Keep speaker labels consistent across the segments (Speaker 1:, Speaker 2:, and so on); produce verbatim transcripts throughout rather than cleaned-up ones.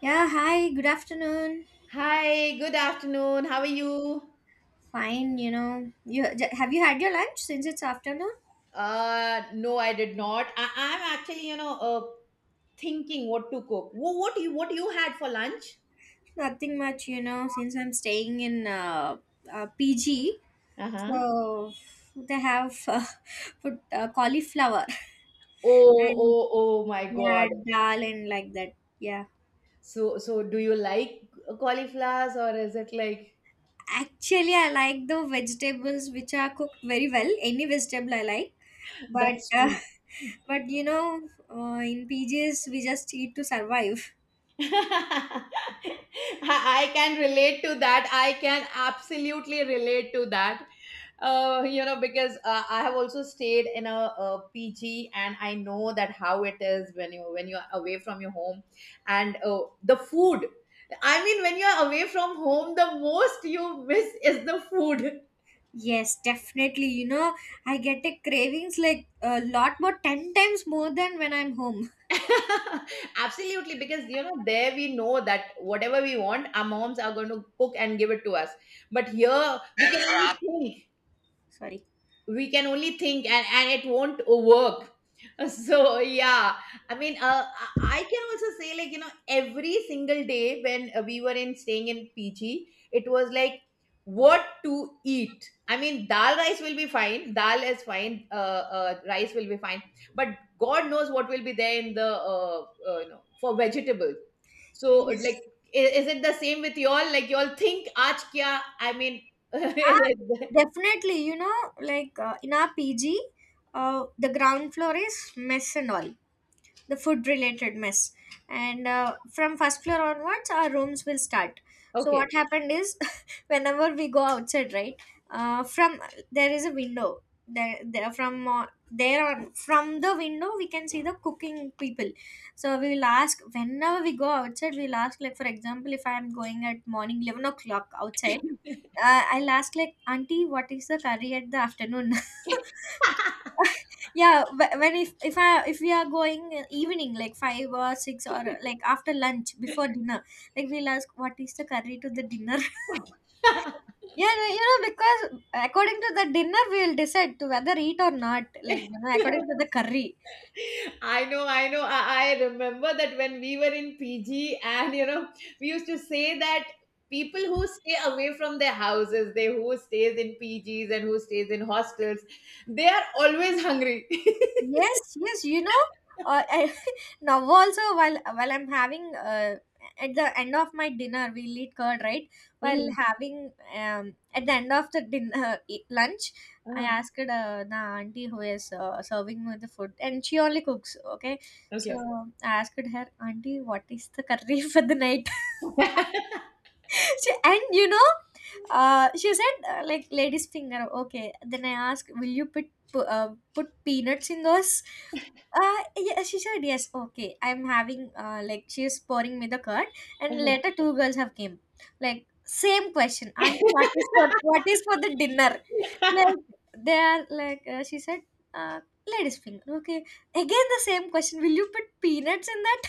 Speaker 1: Yeah, hi, good afternoon.
Speaker 2: Hi, good afternoon. How are you?
Speaker 1: Fine, you know. You j- have you had your lunch since it's afternoon?
Speaker 2: Uh, no, I did not. I, I'm actually, you know, uh, thinking what to cook. What, what you what you had for lunch?
Speaker 1: Nothing much, you know, since I'm staying in uh, uh, P G.
Speaker 2: Uh-huh.
Speaker 1: So they have uh, put uh, cauliflower
Speaker 2: Oh,
Speaker 1: and
Speaker 2: oh, oh my
Speaker 1: yeah,
Speaker 2: God.
Speaker 1: dal and like that. Yeah.
Speaker 2: So, so do you like cauliflowers or is it like
Speaker 1: Actually, I like the vegetables which are cooked very well. Any vegetable I like. But
Speaker 2: that's
Speaker 1: uh,
Speaker 2: true?
Speaker 1: but you know, uh, in P Gs we just eat to survive.
Speaker 2: I I can relate to that. I can absolutely relate to that. Uh, you know, because uh, I have also stayed in a, a P G, and I know that how it is when you when you're away from your home, and uh, the food. I mean, when you're away from home, the most you miss is the food.
Speaker 1: Yes, definitely. You know, I get a cravings like a lot more, ten times more than when I'm home.
Speaker 2: Absolutely, because you know there we know that whatever we want, our moms are going to cook and give it to us. But here we can only think,
Speaker 1: Sorry.
Speaker 2: we can only think, and, and it won't work. So yeah, I mean, uh, I I can also say like you know every single day when uh, we were in staying in P G, it was like what to eat. I mean, dal rice will be fine. Dal is fine. Uh, uh, rice will be fine. But God knows what will be there in the uh, uh, you know for vegetables. So
Speaker 1: Yes.
Speaker 2: like, i- is it the same with y'all? Like y'all think, aaj kya? I mean,
Speaker 1: Ah, definitely. You know, like uh, in our P G, uh, the ground floor is mess and all, the food related mess. And uh, from first floor onwards our rooms will start. So
Speaker 2: okay.
Speaker 1: what happened is, whenever we go outside, right, uh, from, there is a window. There, there, from uh, there on, from the window we can see the cooking people. So we will ask, whenever we go outside we'll ask, like, for example, if I am going at morning eleven o'clock outside, uh, I'll ask like, Auntie, what is the curry at the afternoon? Yeah, wh- when, if if i if we are going in evening, like five or six, or like after lunch before dinner, like we'll ask what is the curry to the dinner. Yeah, no, you know because according to the dinner we will decide to whether eat or not, like you know according to the curry.
Speaker 2: I know, I know. I, I remember that when we were in P G, and you know, we used to say that people who stay away from their houses, they who stays in P Gs and who stays in hostels, they are always hungry.
Speaker 1: Yes, yes, you know, uh, I, now also while while I'm having uh, at the end of my dinner, we'll eat curd, right? While
Speaker 2: Mhm.
Speaker 1: having um, at the end of the dinner e- lunch, I
Speaker 2: Ah,
Speaker 1: asked uh, the auntie who is uh, serving me the food, and she only cooks. Okay, so
Speaker 2: okay.
Speaker 1: I asked her, Auntie, what is the curry for the night? She, and you know uh, she said uh, like, lady's finger. Okay, then I asked, will you put pu- uh, put peanuts in those? Uh, yeah, she said yes. Okay, I'm having uh, like she is pouring me the curd, and later two girls have came, like, same question, Auntie, what is for what is for the dinner? Like, they are like, uh, she said uh, lady's finger. Okay, again the same question, will you put peanuts in that?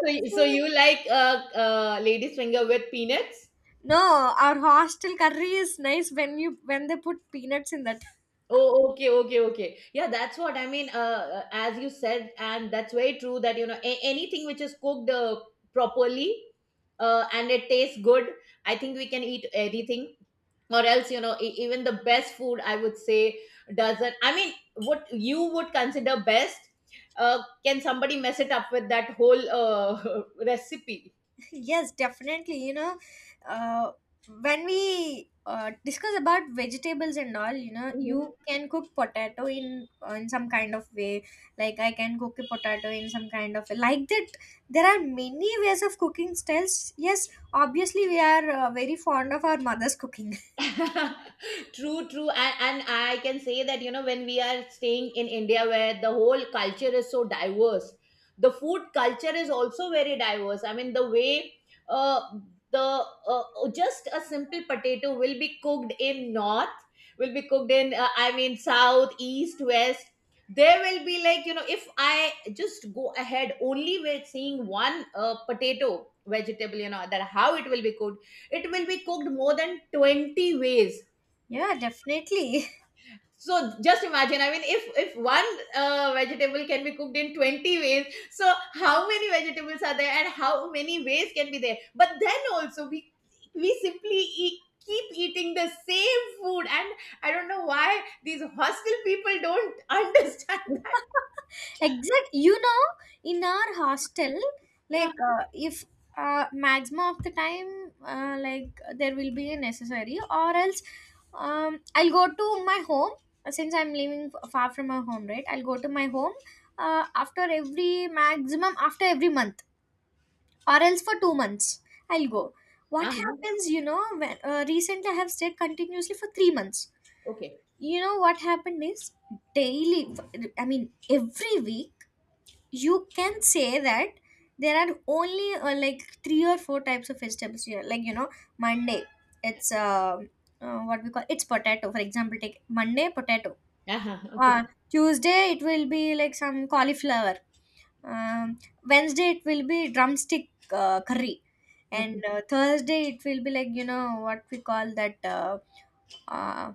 Speaker 2: so, so you like uh, uh, ladies finger with peanuts?
Speaker 1: No, our hostel curry is nice when you when they put peanuts in that.
Speaker 2: Oh, okay, okay, okay. Yeah, that's what I mean. Uh, uh, as you said, and that's very true that you know a- anything which is cooked uh, properly, uh, and it tastes good. I think we can eat anything, or else you know e- even the best food I would say doesn't. I mean, what you would consider best, uh, can somebody mess it up with that whole uh, recipe?
Speaker 1: Yes, definitely. You know, uh, when we uh, discuss about vegetables and all, you know, you can cook potato in uh, in some kind of way. Like I can cook a potato in some kind of like that. There are many ways of cooking styles. Yes, obviously we are uh, very fond of our mother's cooking.
Speaker 2: True, true. And, and I can say that you know when we are staying in India where the whole culture is so diverse, the food culture is also very diverse. I mean the way uh, the uh, uh, just a simple potato will be cooked in north, will be cooked in uh, I mean south, east, west, there will be like you know if I just go ahead only with seeing one uh, potato vegetable, you know that how it will be cooked, it will be cooked more than twenty ways.
Speaker 1: Yeah, definitely.
Speaker 2: So just imagine, I mean if if one uh, vegetable can be cooked in twenty ways, so how many vegetables are there and how many ways can be there. But then also we we simply eat, keep eating the same food, and I don't know why these hostel people don't understand that.
Speaker 1: Exact, you know in our hostel,
Speaker 2: Yeah.
Speaker 1: like uh, if uh, maximum of the time, uh, like there will be a necessary or else, um, I'll go to my home, uh, since I'm living f- far from my home, right, I'll go to my home uh, after every maximum, after every month, or else for two months I'll go. What
Speaker 2: Uh-huh.
Speaker 1: happens, you know when, uh, recently I have stayed continuously for three months.
Speaker 2: Okay.
Speaker 1: You know what happened is, daily, I mean every week, you can say that there are only uh, like three or four types of vegetables here, like, you know Monday, it's uh, uh, what we call, it's potato. For example, take Monday, potato.
Speaker 2: Uh-huh. Okay.
Speaker 1: uh, Tuesday it will be like some cauliflower. um, Wednesday it will be drumstick uh, curry. And
Speaker 2: Okay,
Speaker 1: uh, Thursday it will be like, you know what we call that, uh, uh,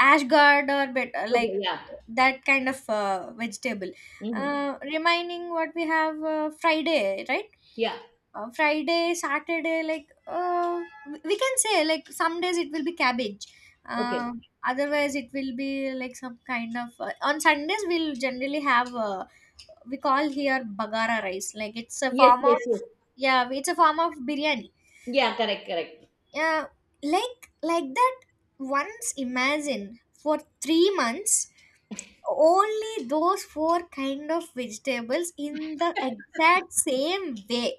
Speaker 1: ashgard or bit,
Speaker 2: okay.
Speaker 1: like
Speaker 2: Yeah.
Speaker 1: that kind of uh, vegetable.
Speaker 2: Mm-hmm.
Speaker 1: Uh, remaining, what we have, uh, Friday, right?
Speaker 2: Yeah.
Speaker 1: Uh, friday, Saturday, like uh, we we can say like some days it will be cabbage.
Speaker 2: Okay.
Speaker 1: uh, Otherwise it will be like some kind of uh, on Sundays we'll generally have uh, we call here bagara rice, like it's a
Speaker 2: Yes,
Speaker 1: form
Speaker 2: yes, yes.
Speaker 1: of, yeah, it's a form of biryani,
Speaker 2: Yeah, correct, correct.
Speaker 1: yeah, like like that. Once imagine, for three months only those four kind of vegetables in the exact same way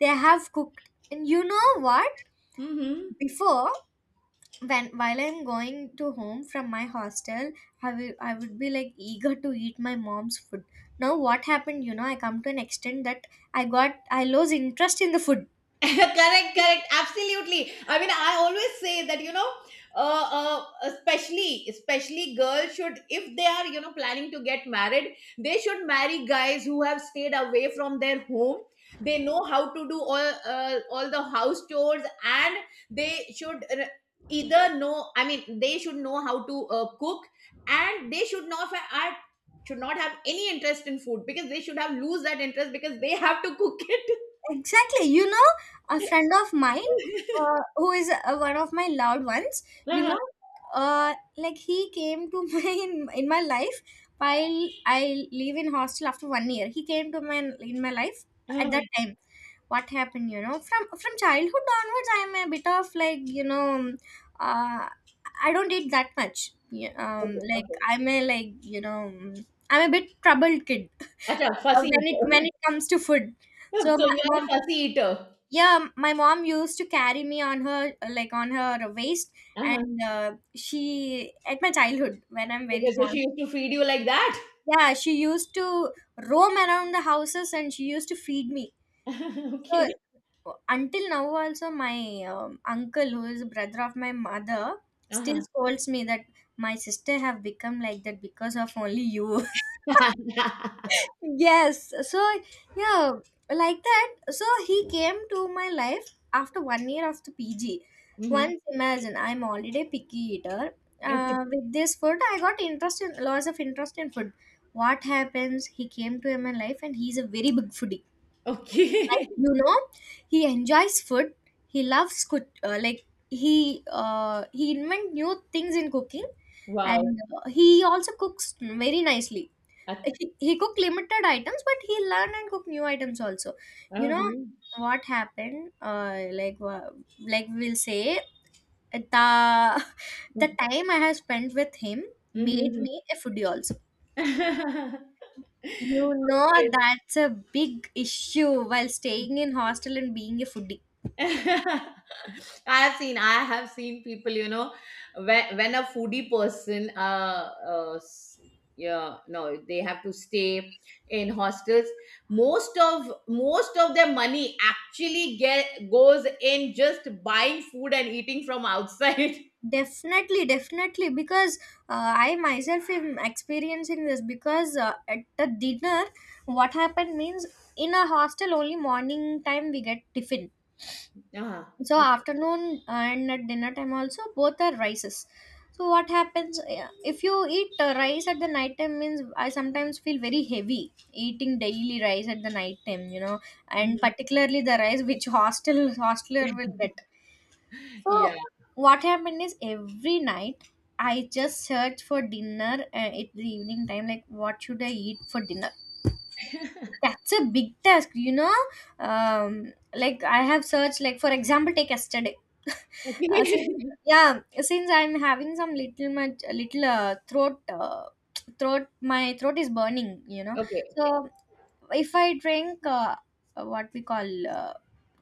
Speaker 1: they have cooked. And you know what,
Speaker 2: Mm-hmm.
Speaker 1: before, when while I'm going to home from my hostel, i will I would be like eager to eat my mom's food. Now what happened, you know, I come to an extent that i got I lose interest in the food.
Speaker 2: Correct, correct, absolutely. I mean I always say that you know, uh, uh, especially especially girls should, if they are you know planning to get married, they should marry guys who have stayed away from their home. They know how to do all uh, all the house chores, and they should uh, either know, I mean they should know how to uh, cook, and they should not fa- are- should not have any interest in food because they should have lose that interest because they have to cook it.
Speaker 1: Exactly. You know, a friend of mine, uh, who is uh, one of my loved ones, you know, uh, like he came to my in, in my life while I live in hostel after one year. He came to my in my life at that
Speaker 2: Uh-huh.
Speaker 1: time. What happened, you know, from from childhood onwards, I'm a bit of like, you know, uh, I don't eat that much. Yeah. Um,
Speaker 2: Okay,
Speaker 1: like
Speaker 2: okay.
Speaker 1: I'm a like, you know, I'm a bit troubled kid,
Speaker 2: Acha, fussy
Speaker 1: when it when
Speaker 2: eater.
Speaker 1: it comes to food. So
Speaker 2: So
Speaker 1: my
Speaker 2: you are a
Speaker 1: mom,
Speaker 2: fussy eater.
Speaker 1: yeah, my mom used to carry me on her, like on her waist,
Speaker 2: Uh-huh.
Speaker 1: and uh, she at my childhood when I'm very
Speaker 2: Okay, so
Speaker 1: small,
Speaker 2: she used to feed you like that?
Speaker 1: yeah, she used to roam around the houses, and she used to feed me. So
Speaker 2: Okay.
Speaker 1: until now also my um, uncle, who is a brother of my mother, still
Speaker 2: Uh-huh.
Speaker 1: scolds me that my sister have become like that because of only you. Yes. So, yeah, like that. So, he came to my life after one year of the P G.
Speaker 2: Hmm.
Speaker 1: Once imagine, I'm already a picky eater.
Speaker 2: Okay.
Speaker 1: Uh, with this food, I got interest in lots of interest in food. What happens? He came to my life, and he's a very big foodie. Like,
Speaker 2: Okay.
Speaker 1: you know, he enjoys food. He loves cook. Uh, like he uh, he invent new things in cooking,
Speaker 2: Wow.
Speaker 1: and uh, he also cooks very nicely. he, he cooked limited items, but he learned and cooked new items also. You know
Speaker 2: Uh-huh.
Speaker 1: what happened, uh like wha- like we'll say, the, the time I have spent with him made
Speaker 2: Mm-hmm.
Speaker 1: me a foodie also, you know.
Speaker 2: Okay.
Speaker 1: That's a big issue while staying in hostel and being a foodie.
Speaker 2: I have seen, I have seen people you know when, when a foodie person uh, uh s- yeah no they have to stay in hostels, most of most of their money actually get goes in just buying food and eating from outside.
Speaker 1: Definitely, definitely, because uh, I myself am experiencing this because uh, at the dinner, what happened means, in a hostel only morning time we get tiffin.
Speaker 2: Uh,
Speaker 1: So
Speaker 2: okay.
Speaker 1: afternoon and at dinner time also both are rices. So what happens, yeah, if you eat uh, rice at the night time means, I sometimes feel very heavy eating daily rice at the night time, you know. And
Speaker 2: Mhm.
Speaker 1: particularly the rice which hostel hostler will get.
Speaker 2: Yeah.
Speaker 1: So what happened is, every night I just search for dinner uh, at the evening time, like what should I eat for dinner. That's a big task, you know. um like I have searched, like for example take yesterday.
Speaker 2: Okay.
Speaker 1: uh, since, yeah, since I'm having some little much little uh, throat uh, throat, my throat is burning, you know.
Speaker 2: Okay.
Speaker 1: So if I drink uh, what we call, uh,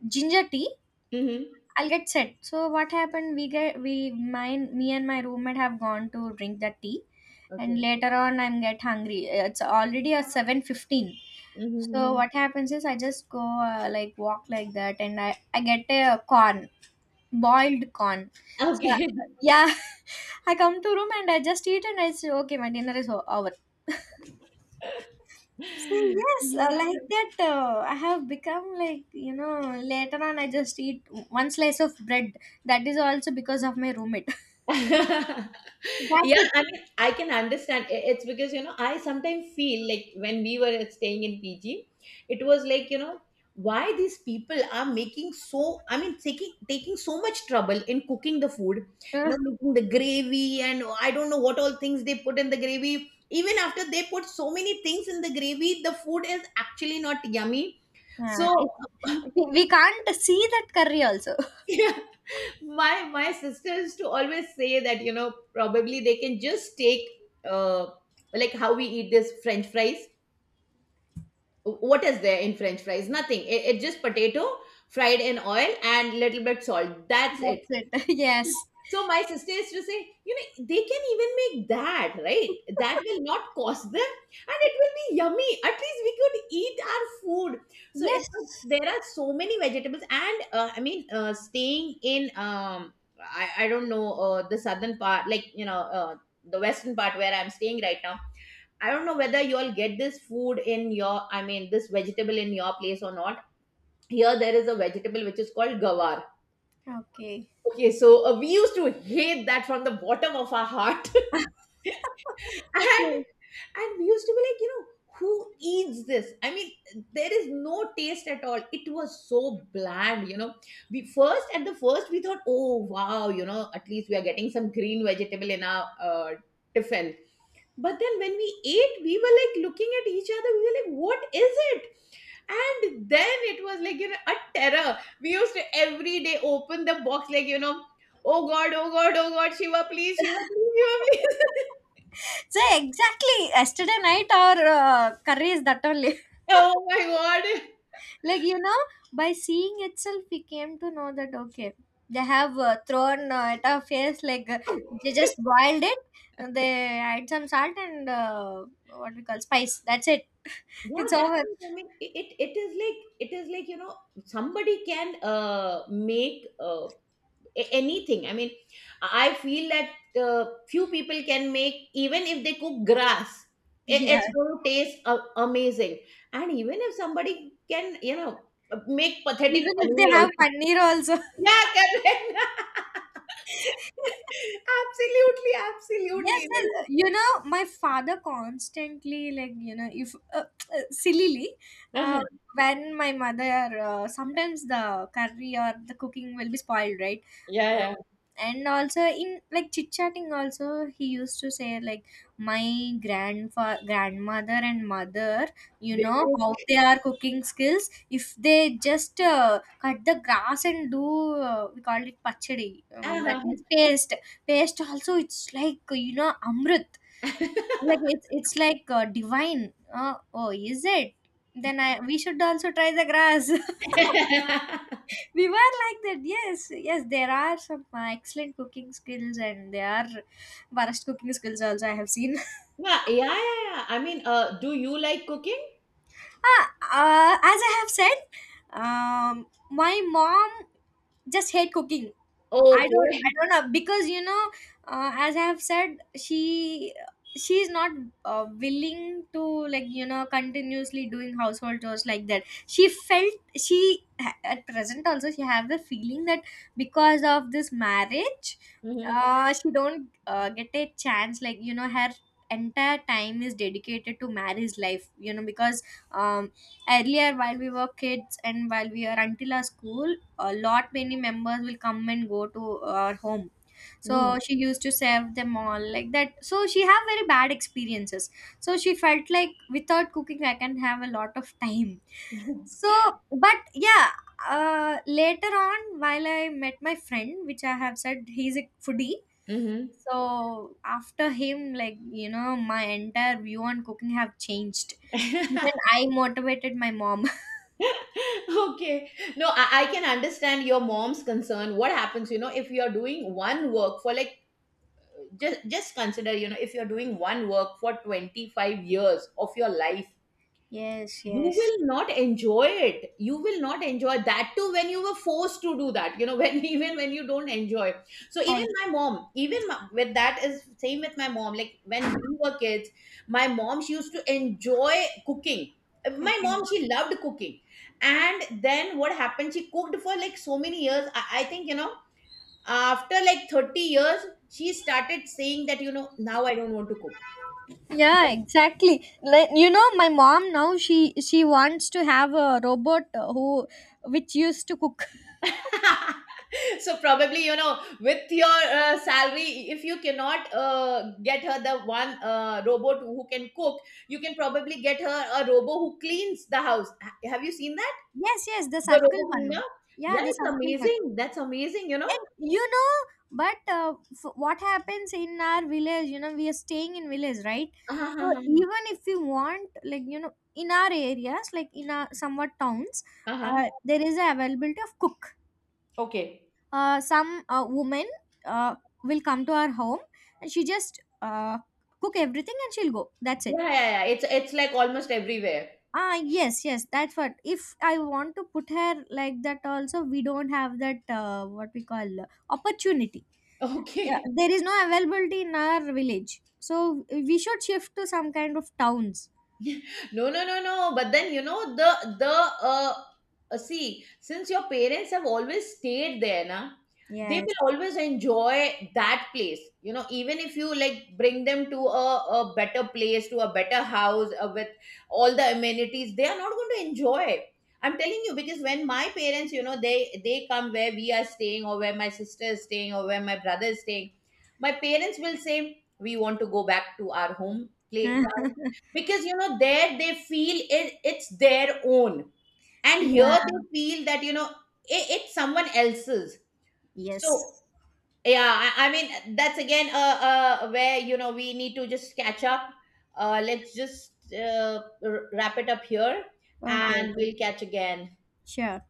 Speaker 1: ginger tea,
Speaker 2: Hmm.
Speaker 1: I'll get set. So what happened, we get we mine, me and my roommate have gone to drink that tea. And
Speaker 2: Okay.
Speaker 1: later on I'm get hungry, it's already a seven fifteen. So
Speaker 2: Hmm.
Speaker 1: what happens is, I just go uh, like walk like that, and I, I get a corn, boiled corn. So uh,
Speaker 2: Okay.
Speaker 1: yeah, I come to room and I just eat, and I say, okay, my dinner is o- over. So yes, uh, like
Speaker 2: Yeah.
Speaker 1: that, uh, I have become like, you know, later on I just eat one slice of bread. That is also because of my roommate. That's
Speaker 2: Yeah,
Speaker 1: it.
Speaker 2: I mean, I can understand. I- It's because, you know, I sometimes feel like when we were staying in P G, it was like, you know, why these people are making so, I mean, taking taking so much trouble in cooking the food,
Speaker 1: Uh,
Speaker 2: you know, making the gravy, and I don't know what all things they put in the gravy. Even after they put so many things in the gravy, the food is actually not yummy. So,
Speaker 1: uh, it, we, we can't see that curry also.
Speaker 2: my my sisters to always say that you know probably they can just take uh like how we eat this french fries. What is there in french fries? Nothing. It, it's just potato fried in oil and little bit salt, that's it.
Speaker 1: That's it. Yes.
Speaker 2: So my sister used to say, you know, they can even make that, right? That will not cost them and it will be yummy. At least we could eat our food. So it's,
Speaker 1: Yes.
Speaker 2: there are so many vegetables. And uh, I mean, uh, staying in, um, I, I don't know, uh, the southern part, like, you know, uh, the western part where I'm staying right now. I don't know whether you all get this food in your, I mean, this vegetable in your place or not. Here there is a vegetable which is called gawar.
Speaker 1: Okay.
Speaker 2: Okay, so uh, we used to hate that from the bottom of our heart, and
Speaker 1: Okay.
Speaker 2: and we used to be like, you know, who eats this? I mean, there is no taste at all. It was so bland, you know. We first at the first we thought, oh wow, you know, at least we are getting some green vegetable in our uh, tiffin. But then when we ate, we were like looking at each other, we were like what is it. And then it was like you know a terror. We used to every day open the box like you know, oh god, oh god, oh god, shiva please, shiva please, shiva please.
Speaker 1: So exactly yesterday night our uh, curry is that only.
Speaker 2: Oh my god.
Speaker 1: Like, you know, by seeing itself we came to know that, okay, they have uh, thrown uh, at our face, like, uh, they just boiled it, and they add some salt and uh, what we call spice, that's it,
Speaker 2: Yeah,
Speaker 1: it's
Speaker 2: that's
Speaker 1: over.
Speaker 2: it. I mean it, it it is like, it is like you know somebody can uh make uh a- anything, I mean I feel that uh, few people can make, even if they cook grass, I-
Speaker 1: Yeah.
Speaker 2: it's going to taste a- amazing. And even if somebody can, you know, make pathetic
Speaker 1: Even if they
Speaker 2: paneer
Speaker 1: have
Speaker 2: also.
Speaker 1: paneer also.
Speaker 2: Yeah, correct. Absolutely,
Speaker 1: Yes.
Speaker 2: absolutely.
Speaker 1: And uh, you know, my father constantly, like, you know, if uh, uh, sillily, uh,
Speaker 2: Uh-huh.
Speaker 1: when my mother, uh, sometimes the curry or the cooking will be spoiled, right?
Speaker 2: Yeah,
Speaker 1: Uh,
Speaker 2: yeah,
Speaker 1: and also in like chit chatting, also he used to say like, my grandfa grandmother and mother, you
Speaker 2: they
Speaker 1: know
Speaker 2: cook.
Speaker 1: how they are cooking skills. If they just uh, cut the grass and do, uh, we call it pachadi, um, that means
Speaker 2: Uh-huh.
Speaker 1: paste, taste also it's like, you know, amrit, like it's it's like uh, divine. uh, oh, is it? Then I, we should also try the grass.
Speaker 2: yeah,
Speaker 1: We were like that. Yes, yes, there are some uh, excellent cooking skills, and there are worst cooking skills also I have seen.
Speaker 2: yeah, yeah, yeah. I mean, uh, do you like cooking?
Speaker 1: Ah, uh, as I have said, um my mom just hate cooking. i don't
Speaker 2: Okay.
Speaker 1: I don't know because, you know, uh, as I have said, she she's not uh, willing to like, you know, continuously doing household chores like that. She felt she, at present also, she have the feeling that because of this marriage,
Speaker 2: Mm-hmm.
Speaker 1: uh, she don't uh, get a chance, like, you know, her entire time is dedicated to marriage life, you know, because, um earlier while we were kids, and while we are until our school, a lot many members will come and go to our home. So she used to serve them all like that, so she have very bad experiences. So she felt like without cooking I can have a lot of time. So, but yeah, uh, later on while I met my friend which I have said he's a foodie,
Speaker 2: Mm-hmm.
Speaker 1: so after him, like, you know, my entire view on cooking have changed, even I motivated my mom.
Speaker 2: Okay. No, I, I can understand your mom's concern. What happens, you know, if you're doing one work for like, just just consider, you know, if you're doing one work for twenty-five years of your life,
Speaker 1: Yes,
Speaker 2: you
Speaker 1: yes.
Speaker 2: will not enjoy it, you will not enjoy that too when you were forced to do that, you know, when even when you don't enjoy. So even
Speaker 1: I,
Speaker 2: my mom, even my, with that is same with my mom, like when we were kids, my mom she used to enjoy cooking, my
Speaker 1: okay.
Speaker 2: mom she loved cooking. And then what happened, she cooked for like so many years. i, I think you know after like thirty years she started saying that you know now I don't want to cook.
Speaker 1: Yeah, exactly. Like, you know, my mom now she she wants to have a robot uh, who which used to cook.
Speaker 2: So probably you know with your uh, salary, if you cannot uh, get her the one uh, robot who can cook, you can probably get her a robot who cleans the house. Ha- have you seen that,
Speaker 1: Yes, yes, the
Speaker 2: the
Speaker 1: circle
Speaker 2: robot cleaner?
Speaker 1: one. Yeah,
Speaker 2: Yeah,
Speaker 1: the
Speaker 2: it's
Speaker 1: circle one.
Speaker 2: amazing, that's amazing, you know.
Speaker 1: And you know, but uh, f- what happens in our village? You know, we are staying in village, right? So
Speaker 2: Uh-huh.
Speaker 1: even if we want, like, you know, in our areas, like in our somewhat towns,
Speaker 2: Uh-huh.
Speaker 1: uh, there is a availability of cook.
Speaker 2: Okay.
Speaker 1: Uh, some uh, woman uh, will come to our home, and she just uh, cook everything, and she'll go, that's it.
Speaker 2: Yeah, yeah yeah, it's it's like almost everywhere.
Speaker 1: Ah, yes, yes, that's what, if I want to put her like that also, we don't have that, uh, what we call, uh, opportunity. Yeah,
Speaker 2: Okay.
Speaker 1: there is no availability in our village, so we should shift to some kind of towns.
Speaker 2: No, no, no, no. But then you know the the uh, uh see since your parents have always stayed there na, they
Speaker 1: Yes.
Speaker 2: will always enjoy that place, you know. Even if you like bring them to a, a better place, to a better house uh, with all the amenities, they are not going to enjoy. I'm telling you, because when my parents you know they they come where we are staying or where my sister is staying or where my brother is staying, my parents will say we want to go back to our home place.
Speaker 1: Yeah,
Speaker 2: Because you know there they feel it, it's their own, and here they feel that you know it, it's someone else's. So
Speaker 1: yes.
Speaker 2: yeah, i, I mean that's again uh, uh, where you know we need to just catch up. Uh, let's just uh, r- wrap it up here,
Speaker 1: Okay,
Speaker 2: and
Speaker 1: okay.
Speaker 2: we'll catch again.
Speaker 1: Sure.